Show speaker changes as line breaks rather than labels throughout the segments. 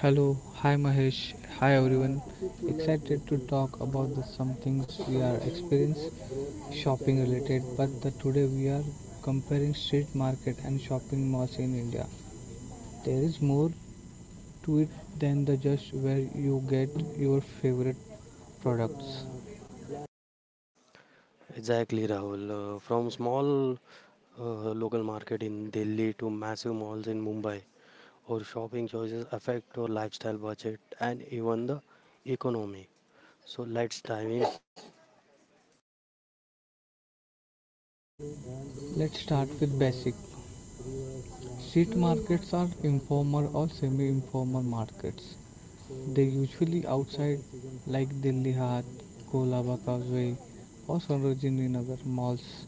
Hello, hi Mahesh, hi everyone. Excited to talk about the some things we are experience shopping related, but the today we are comparing street market and shopping malls in India. There is more to it than the just where you get your favorite products. Let's start with basic. Street markets are informal or semi informal markets. They usually outside like Delhi Hat, Kolaba Causeway or Sarojini Nagar. Malls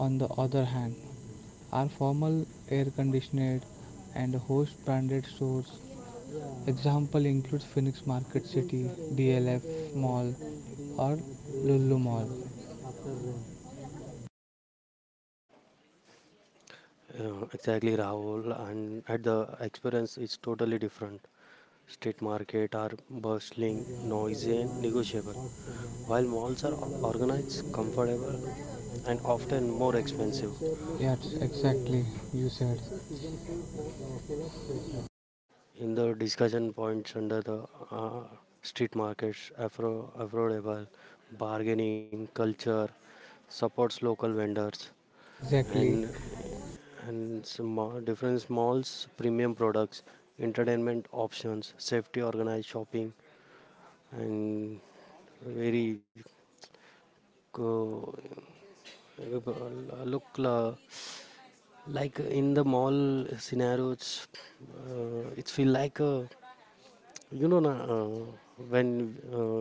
on the other hand are formal air conditioned and host branded stores. Example includes Phoenix Market City, DLF Mall or Lulu Mall. Yes, exactly you said. Exactly.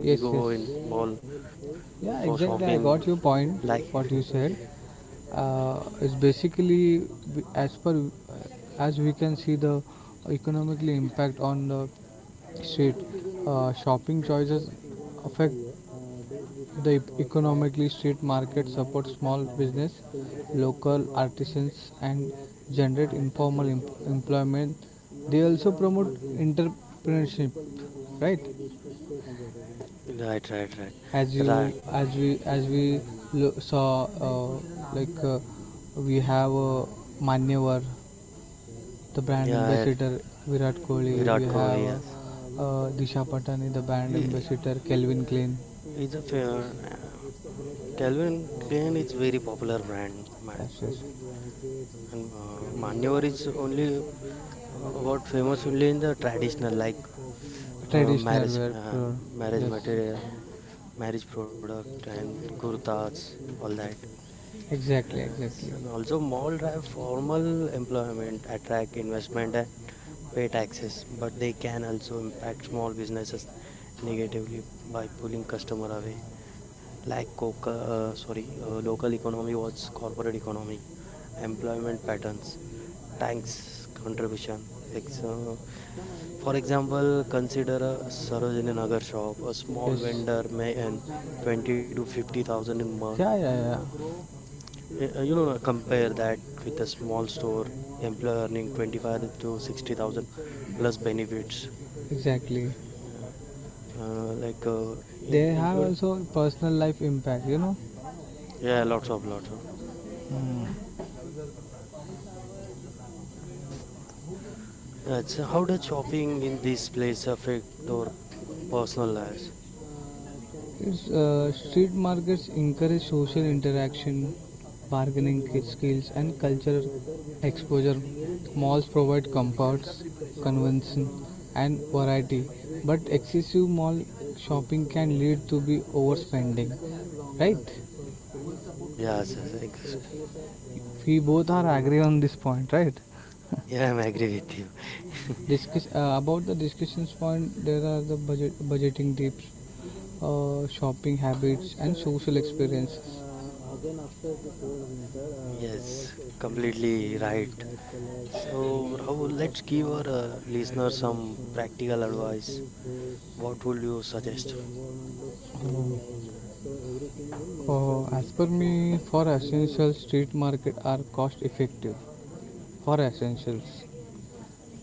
Yes, yes. Yeah, exactly, I got your point. What you said. It's basically as per as we can see the economically impact on the street shopping choices affect the economically street market support small business, local artisans, and generate informal employment. They also promote entrepreneurship, right? As we saw, like, we have, Manyavar the brand ambassador Virat Kohli, we have, Disha Patani the brand ambassador Kelvin Klein. Yes, yes, traditional wear clothes. Yes, exactly, exactly. Yes, yeah, yeah, yeah, exactly. They have also personal life impact. Mm. Street markets encourage social interaction, bargaining skills, and cultural exposure. Malls provide comforts, convention, and variety, but excessive mall shopping can lead to be overspending. Right? We both are agree on this point, right? Discuss, about the discussions point. There are the budgeting tips, shopping habits. As per me, for essentials, street market are cost effective for essentials,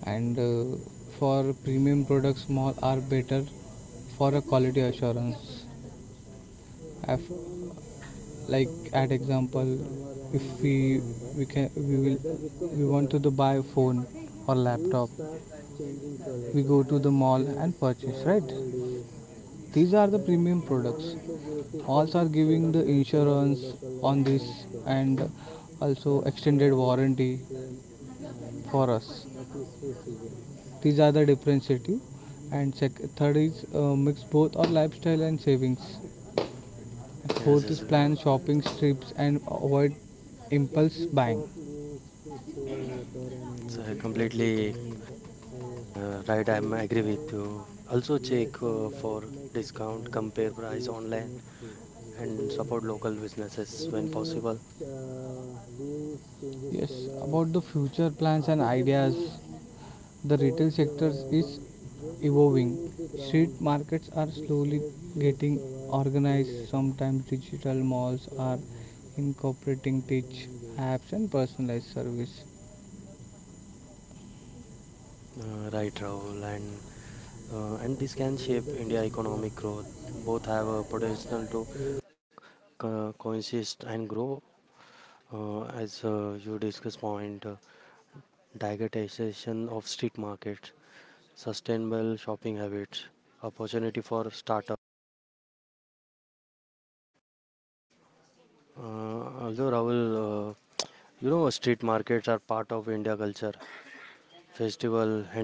and for premium products, mall are better for a quality assurance. Af Like at example, if we we can we will we want to the buy a phone or laptop, we go to the mall and purchase, right? These are the premium products. Also are giving the insurance on this, and also extended warranty for us. These are the differentiative. And third is, mix both our lifestyle and savings. Fourth is plan shopping trips and avoid impulse buying. Yes, about the future plans and ideas, the retail sector is evolving. Street markets are slowly getting organized. Sometimes digital malls are incorporating tech apps and personalized service.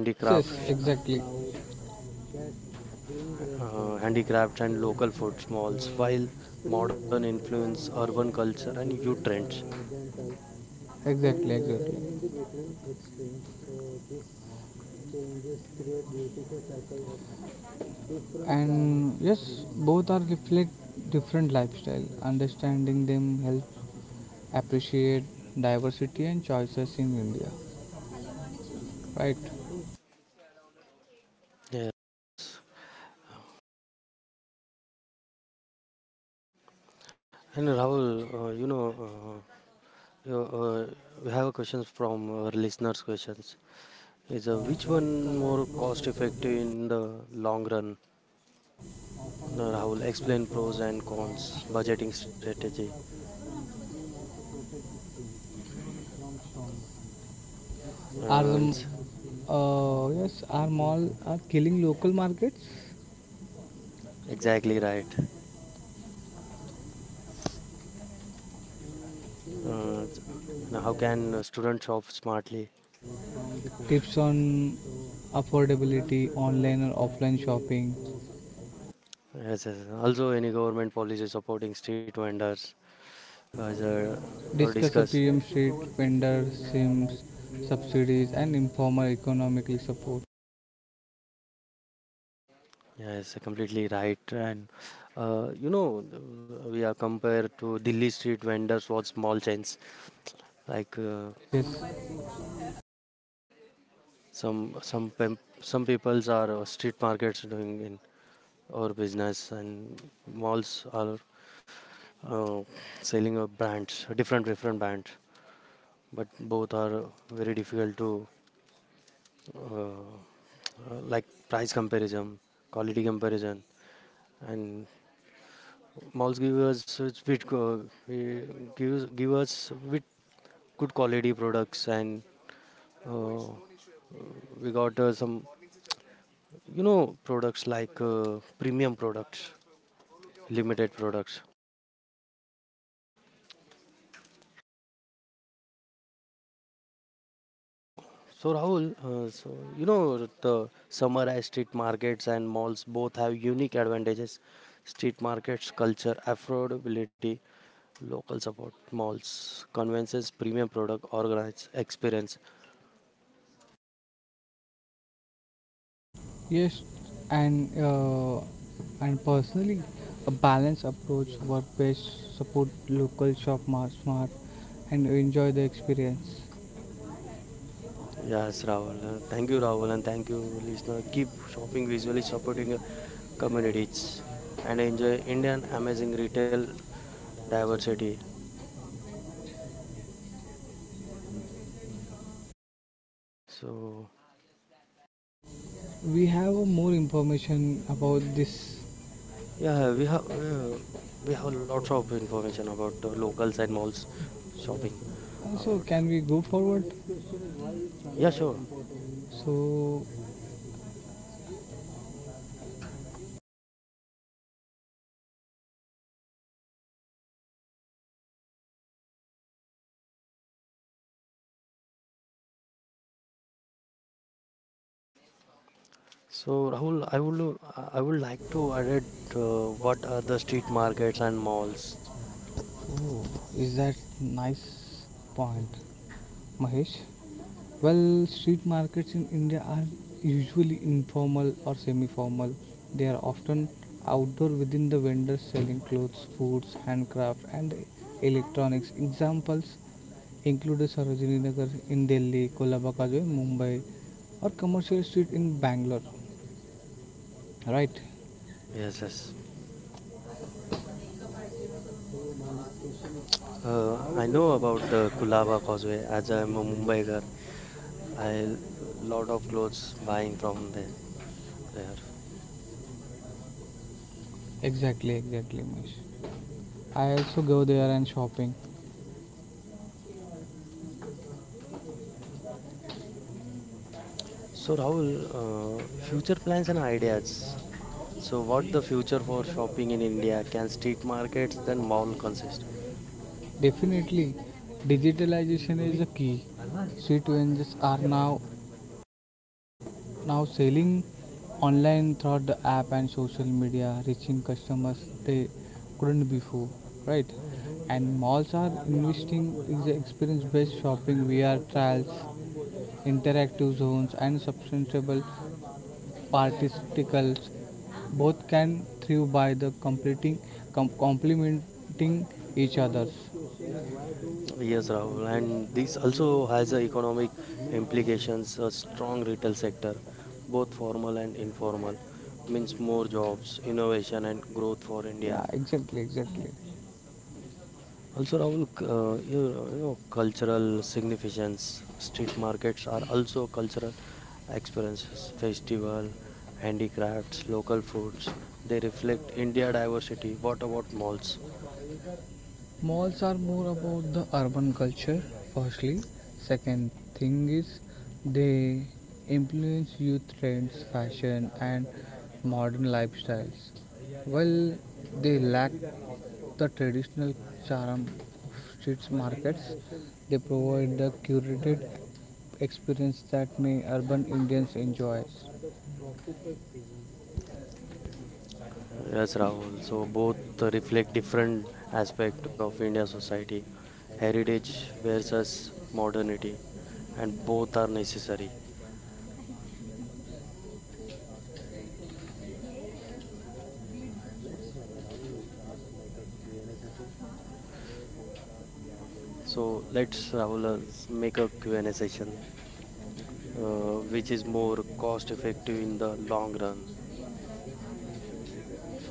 Yes, yes, exactly. Exactly, exactly. And yes, both are reflect different lifestyle. Understanding them helps appreciate diversity and choices in India. Right? Are the m- yes, are mall are killing local markets? Tips on affordability, online or offline shopping, discuss a PM street vendor schemes, subsidies, and informal economically support. Yes, yes, yes, and uh, and personally, a balanced approach, work-based support, local shop, smart, and enjoy the experience. We have, more information about this. So can we go forward? So Is that nice point, Mahesh? Well, street markets in India are usually informal or semi formal. They are often outdoor within the vendors selling clothes, foods, handcraft, and electronics. Examples include Sarojini Nagar in Delhi, Kolabaka in Mumbai, or commercial street in Bangalore. Right? Exactly, exactly, Mahesh. I also go there and shopping. Definitely, digitalization is a key. Street vendors are now selling online throughout the app and social media, reaching customers they couldn't before, right? And malls are investing in the experience-based shopping, VR trials, interactive zones, and substantial particles. Both can thrive by the complementing each others. Yeah, exactly, exactly. Malls are more about the urban culture, firstly. Second thing is they influence youth trends, fashion, and modern lifestyles. While they lack the traditional charm of street markets, they provide the curated experience that many urban Indians enjoy.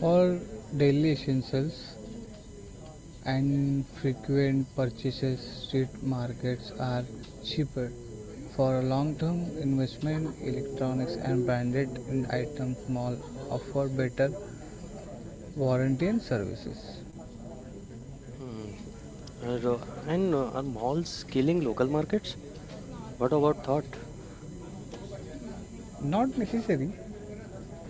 For daily essentials and frequent purchases, street markets are cheaper. For long-term investment, electronics and branded items mall offer better warranty and services. Not necessary.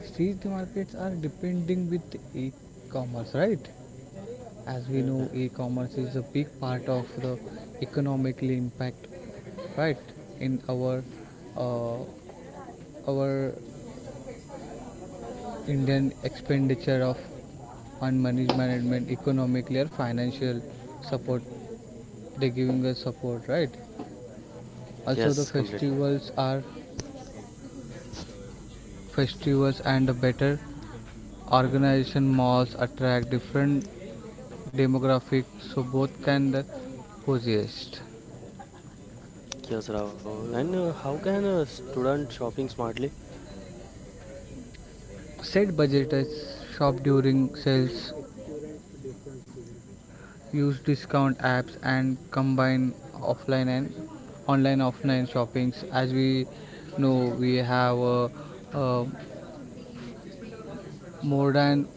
Street markets are depending with e-commerce, right? As we know, e-commerce is a big part of the economically impact, right? In uh, our Indian expenditure of on money management, economically or financial support, they giving us support, right? Also, the festivals are festivals and a better organization malls attract different demographics, so both can the coexist. Set budgets, shop during sales, use discount apps, and combine offline and online offline shoppings. As we know, we have, uh, more than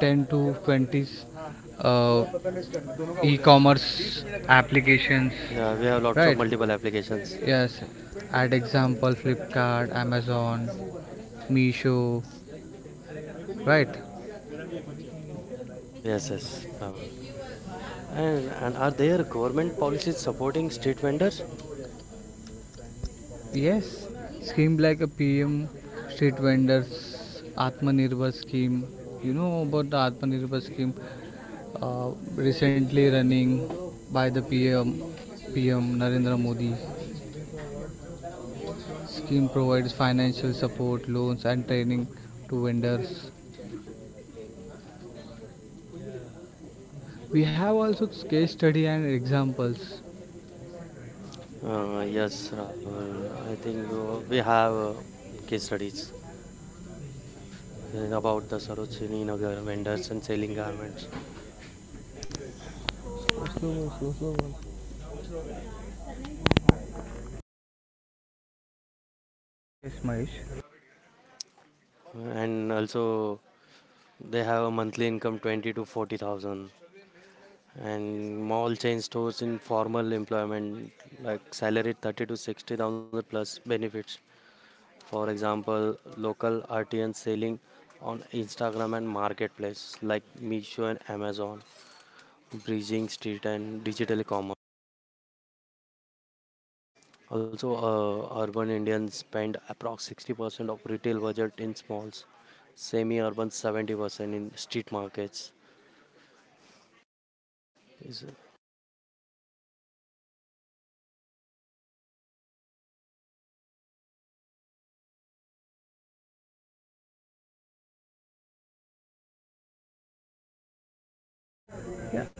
10 to 20, uh, e-commerce applications, right? Yes. At example, Flipkart, Amazon, Meesho, right? Yes, scheme like a PM, street vendors, Atmanirbhar scheme. You know about the Atmanirbhar scheme, recently running by the PM, PM Narendra Modi. Scheme provides financial support, loans, and training to vendors. We have also case study and examples. Slow, slow, slow, slow. Yes, yes, Mahesh.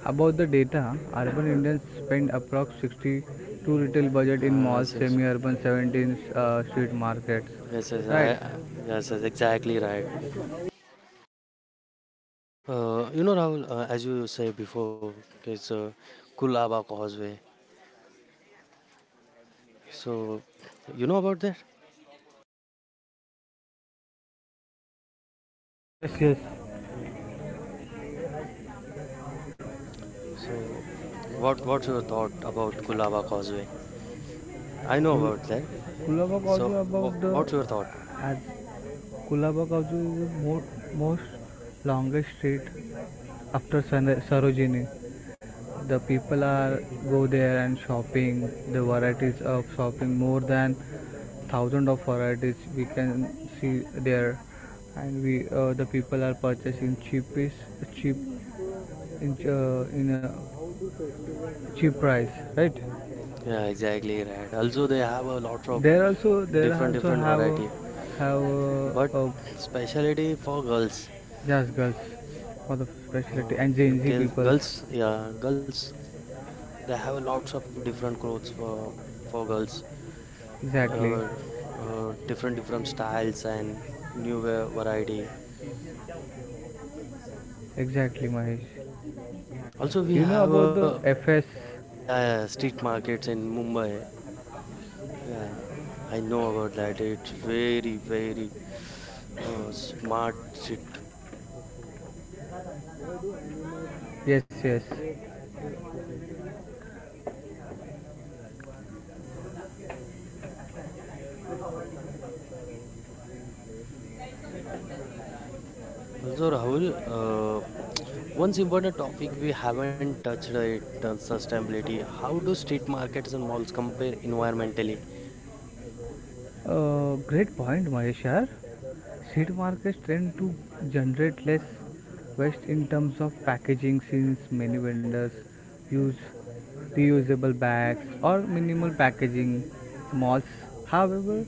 About the data, urban Indians spend approx 62 retail budget in malls, semi-urban 17, street markets. Right? Yes, yes. Kul- Kulabak also about the, as Kulabak also is the most longest street after Sarojini. The people are go there and shopping, the varieties of shopping more than thousand of varieties we can see there. And we the people are purchasing cheapest cheap in a cheap price, right? There also, a just girls for the specialty and gen z peoples. Exactly, exactly, Mahesh. You know about the fs? Yes, yes. Great point, Maheshar. Seed markets tend to generate less waste in terms of packaging since many vendors use reusable bags or minimal packaging malls. However,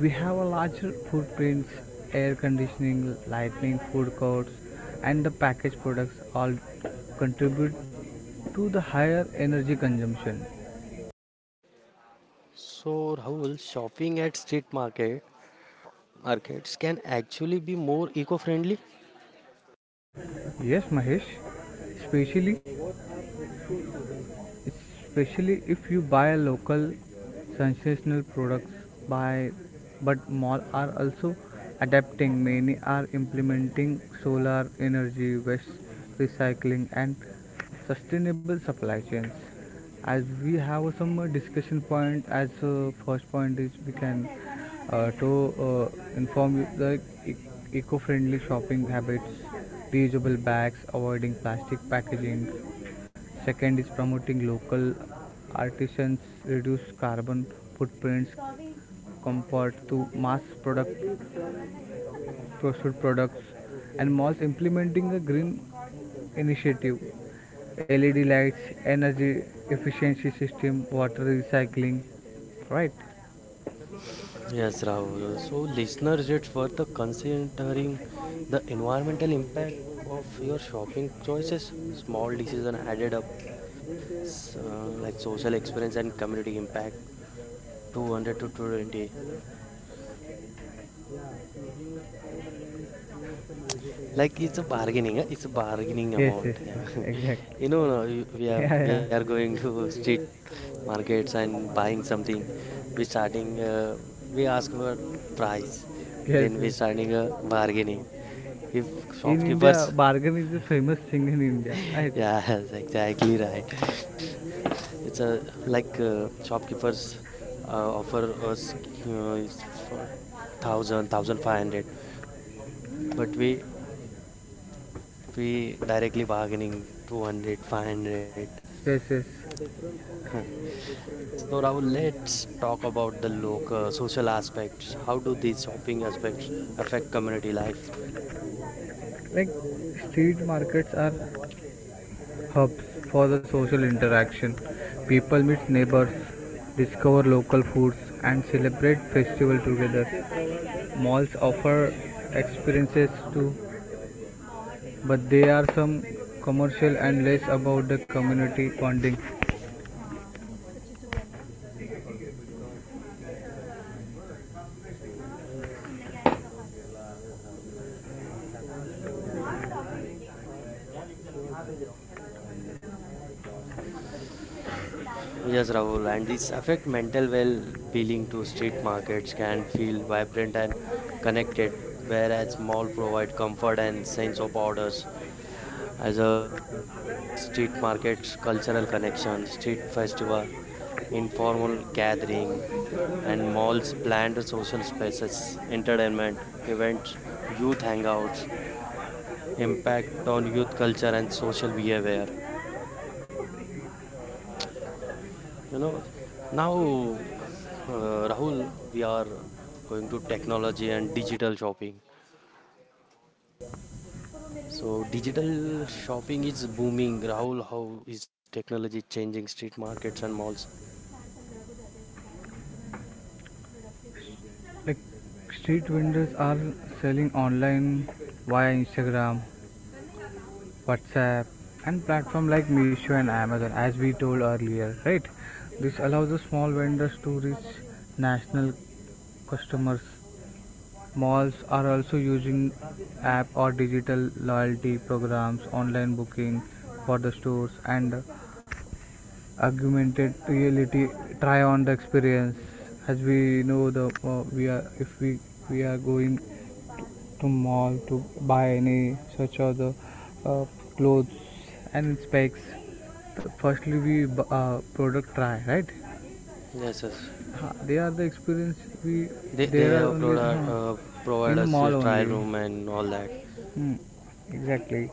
we have a larger footprints, air conditioning, lighting, food courts, and the packaged products all contribute to the higher energy consumption. Yes, Mahesh, especially especially if you buy local sensational products by, but malls are also adapting. Many are implementing solar energy waste recycling and sustainable supply chains. As we have, some, discussion point, as, first point is we can, to inform you the. Eco-friendly shopping habits, reusable bags, avoiding plastic packaging. Second is promoting local artisans, reduce carbon footprints compared to mass product pursued products, and malls implementing a green initiative. LED lights, energy efficiency system, water recycling. Right? Yes, yes, yes, exactly. Yeah, yeah. Yes, yes. In India, bargain is a famous thing in India, right? Yes, yes. Like, street markets are hubs for the social interaction. People meet neighbors, discover local foods, and celebrate festival together. Malls offer experiences too, but they are some commercial and less about the community bonding.
And street markets, cultural connection, street festival, informal gathering, and malls planned social spaces, entertainment, events, youth hangouts, impact on youth culture and social behavior. You know, now uh, Rahul, we are going to technology and digital shopping. So digital shopping is booming. Rahul, how is technology changing street markets and malls?
Like, street vendors are selling online via Instagram, WhatsApp, and platform like Meesho and Amazon, as we told earlier, right? This allows the small vendors to reach national customers. Malls are also using app or digital loyalty programs, online booking for the stores, and augmented reality try on the experience. As we know, the we are if we are going to mall to buy any such other, uh, clothes and specs, the firstly we product try, right?
Yes, yes.
Ha, they are the experience. We
They
There are
have
only,
provided provided
in a
us a
mall
trial
only.
room and all that.
Hmm, exactly.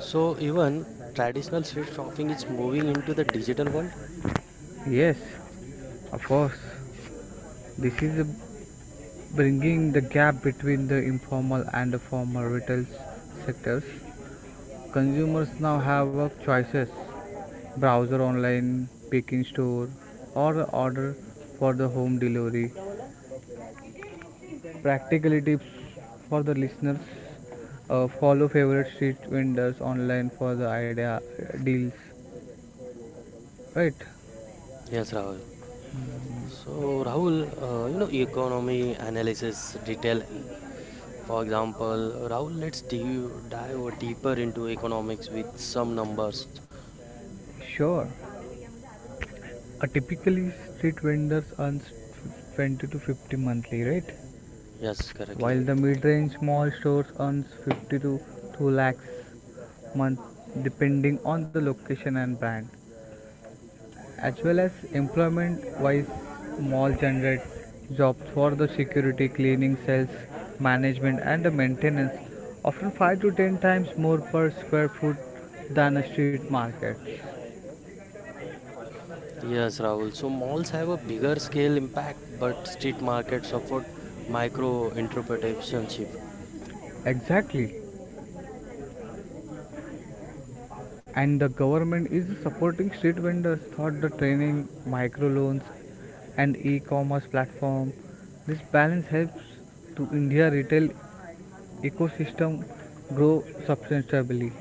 So even traditional street shopping is moving into the digital world.
Yes, of course. This is bringing the gap between the informal and the formal retail sectors. Consumers now have choices: browser online, pick in store, or order for the home delivery. Practical tips for the listeners, follow favorite street vendors online for the idea deals, right?
Yes, Rahul. So Rahul, you know economy analysis detail. For example, Rahul, let's dive deeper into economics with some numbers.
Sure. A typically street vendors earns 20 to 50 monthly, right?
Yes, correctly.
While the mid-range small stores earns 50 to 2 lakhs month depending on the location and brand. As well as employment wise, mall generates jobs for the security, cleaning, sales, management and the maintenance, often 5 to 10 times more per square foot than a street market.
Yes, Rahul. So malls have a bigger scale impact, but street markets support micro entrepreneurship.
Exactly. And the government is supporting street vendors through the training, microloans and e-commerce platform. This balance helps to India retail ecosystem grow substantially.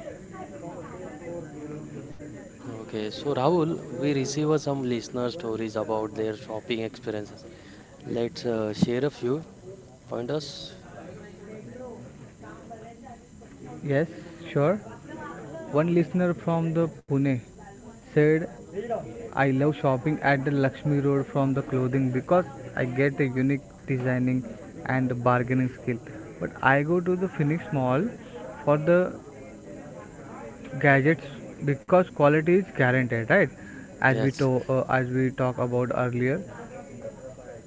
Okay, so Rahul, we received some listener stories about their shopping experiences. Let's share a few pointers.
Yes, sure. One listener from the Pune said, "I love shopping at the Lakshmi Road from the clothing because I get a unique designing and bargaining skill. But I go to the Phoenix Mall for the gadgets because quality is guaranteed, right? As we
Yes,
to, as we talk about earlier."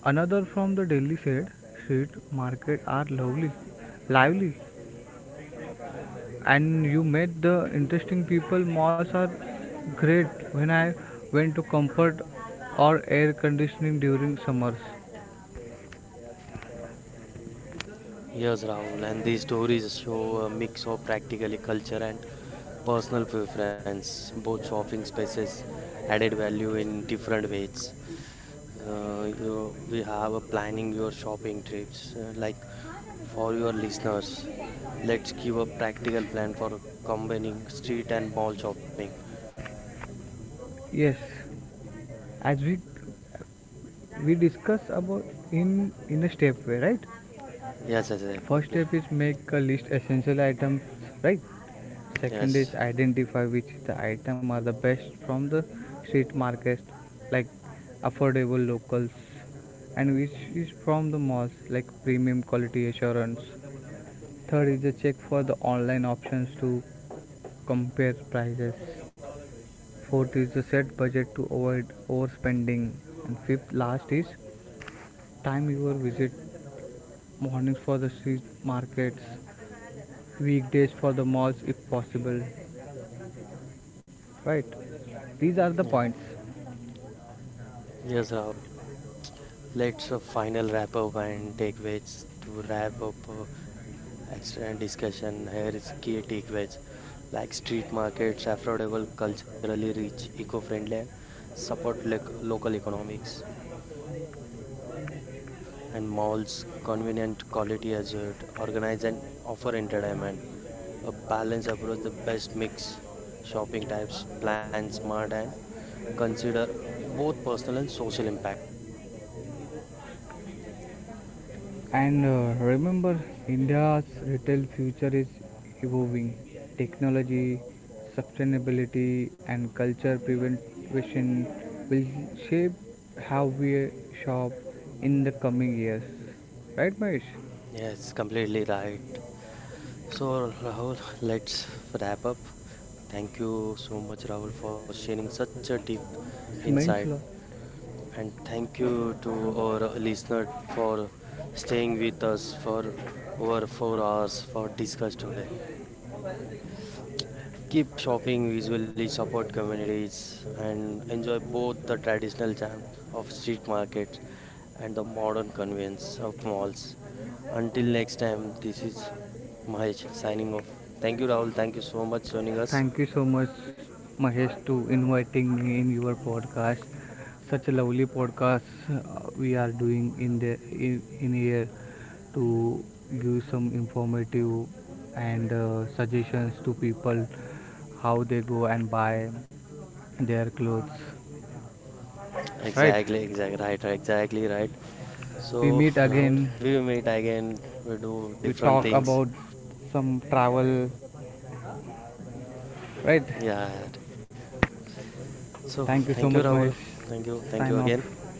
Another from the Delhi said, street market are lively and you met the interesting people. Malls are great when I went to comfort or air conditioning during summers.
yes, Rahul. And these stories show a mix of practically culture and personal preference. Both shopping spaces added value in different ways. We have a planning your shopping trips, like for your listeners. Let's give a practical plan for combining street and mall shopping.
Yes, as we discuss about in a step way, right?
Yes, yes, yes,
First
complete.
step is make a list essential items, right? Second
Yes.
is identify which the item are the best from the street markets, like affordable locals, and which is from the malls, like premium quality assurance. Third is a check for the online options to compare prices. Fourth is a set budget to avoid overspending. And fifth, last is time your visit, mornings for the street markets, weekdays for the malls if possible. Right? These are the
Yeah.
points.
Yes, Rahul. Let's final wrap up and takeaways to wrap up excellent discussion. Here is key takeaways like street markets, affordable, culturally rich, eco-friendly, and support local economics and malls, convenient, quality assured, organize and offer entertainment. A balanced approach, the best mix, shopping types, plan smart and consider both personal and social impact.
And remember, India's retail future is evolving. Technology, sustainability, and culture prevention will shape how we shop in the coming years. Right, Mahesh?
Yes, completely right. So, Rahul, let's wrap up. Thank you so much, Rahul, for sharing such a deep
It's
insight.
men's law.
And thank you to our listener for staying with us for over 4 hours for discuss today. Keep shopping visually, support communities, and enjoy both the traditional charm of street markets and the modern convenience of malls. Until next time, this is Mahesh signing off. Thank you, Rahul. Thank you so much joining us.
Thank you so much, Mahesh, to inviting me in your podcast. Such a lovely podcast, we are doing in in here to give some informative and suggestions to people how they go and buy their clothes. Right?
Exactly, exactly right, right, exactly right.
We
So,
meet
Rahul,
again.
we will meet again. We do
We
different
talk
things.
about some travel. Right?
Yeah. So,
Thank you
thank
so
you,
much,
Rahul.
Mahesh.
Thank you
Sign
again.
off.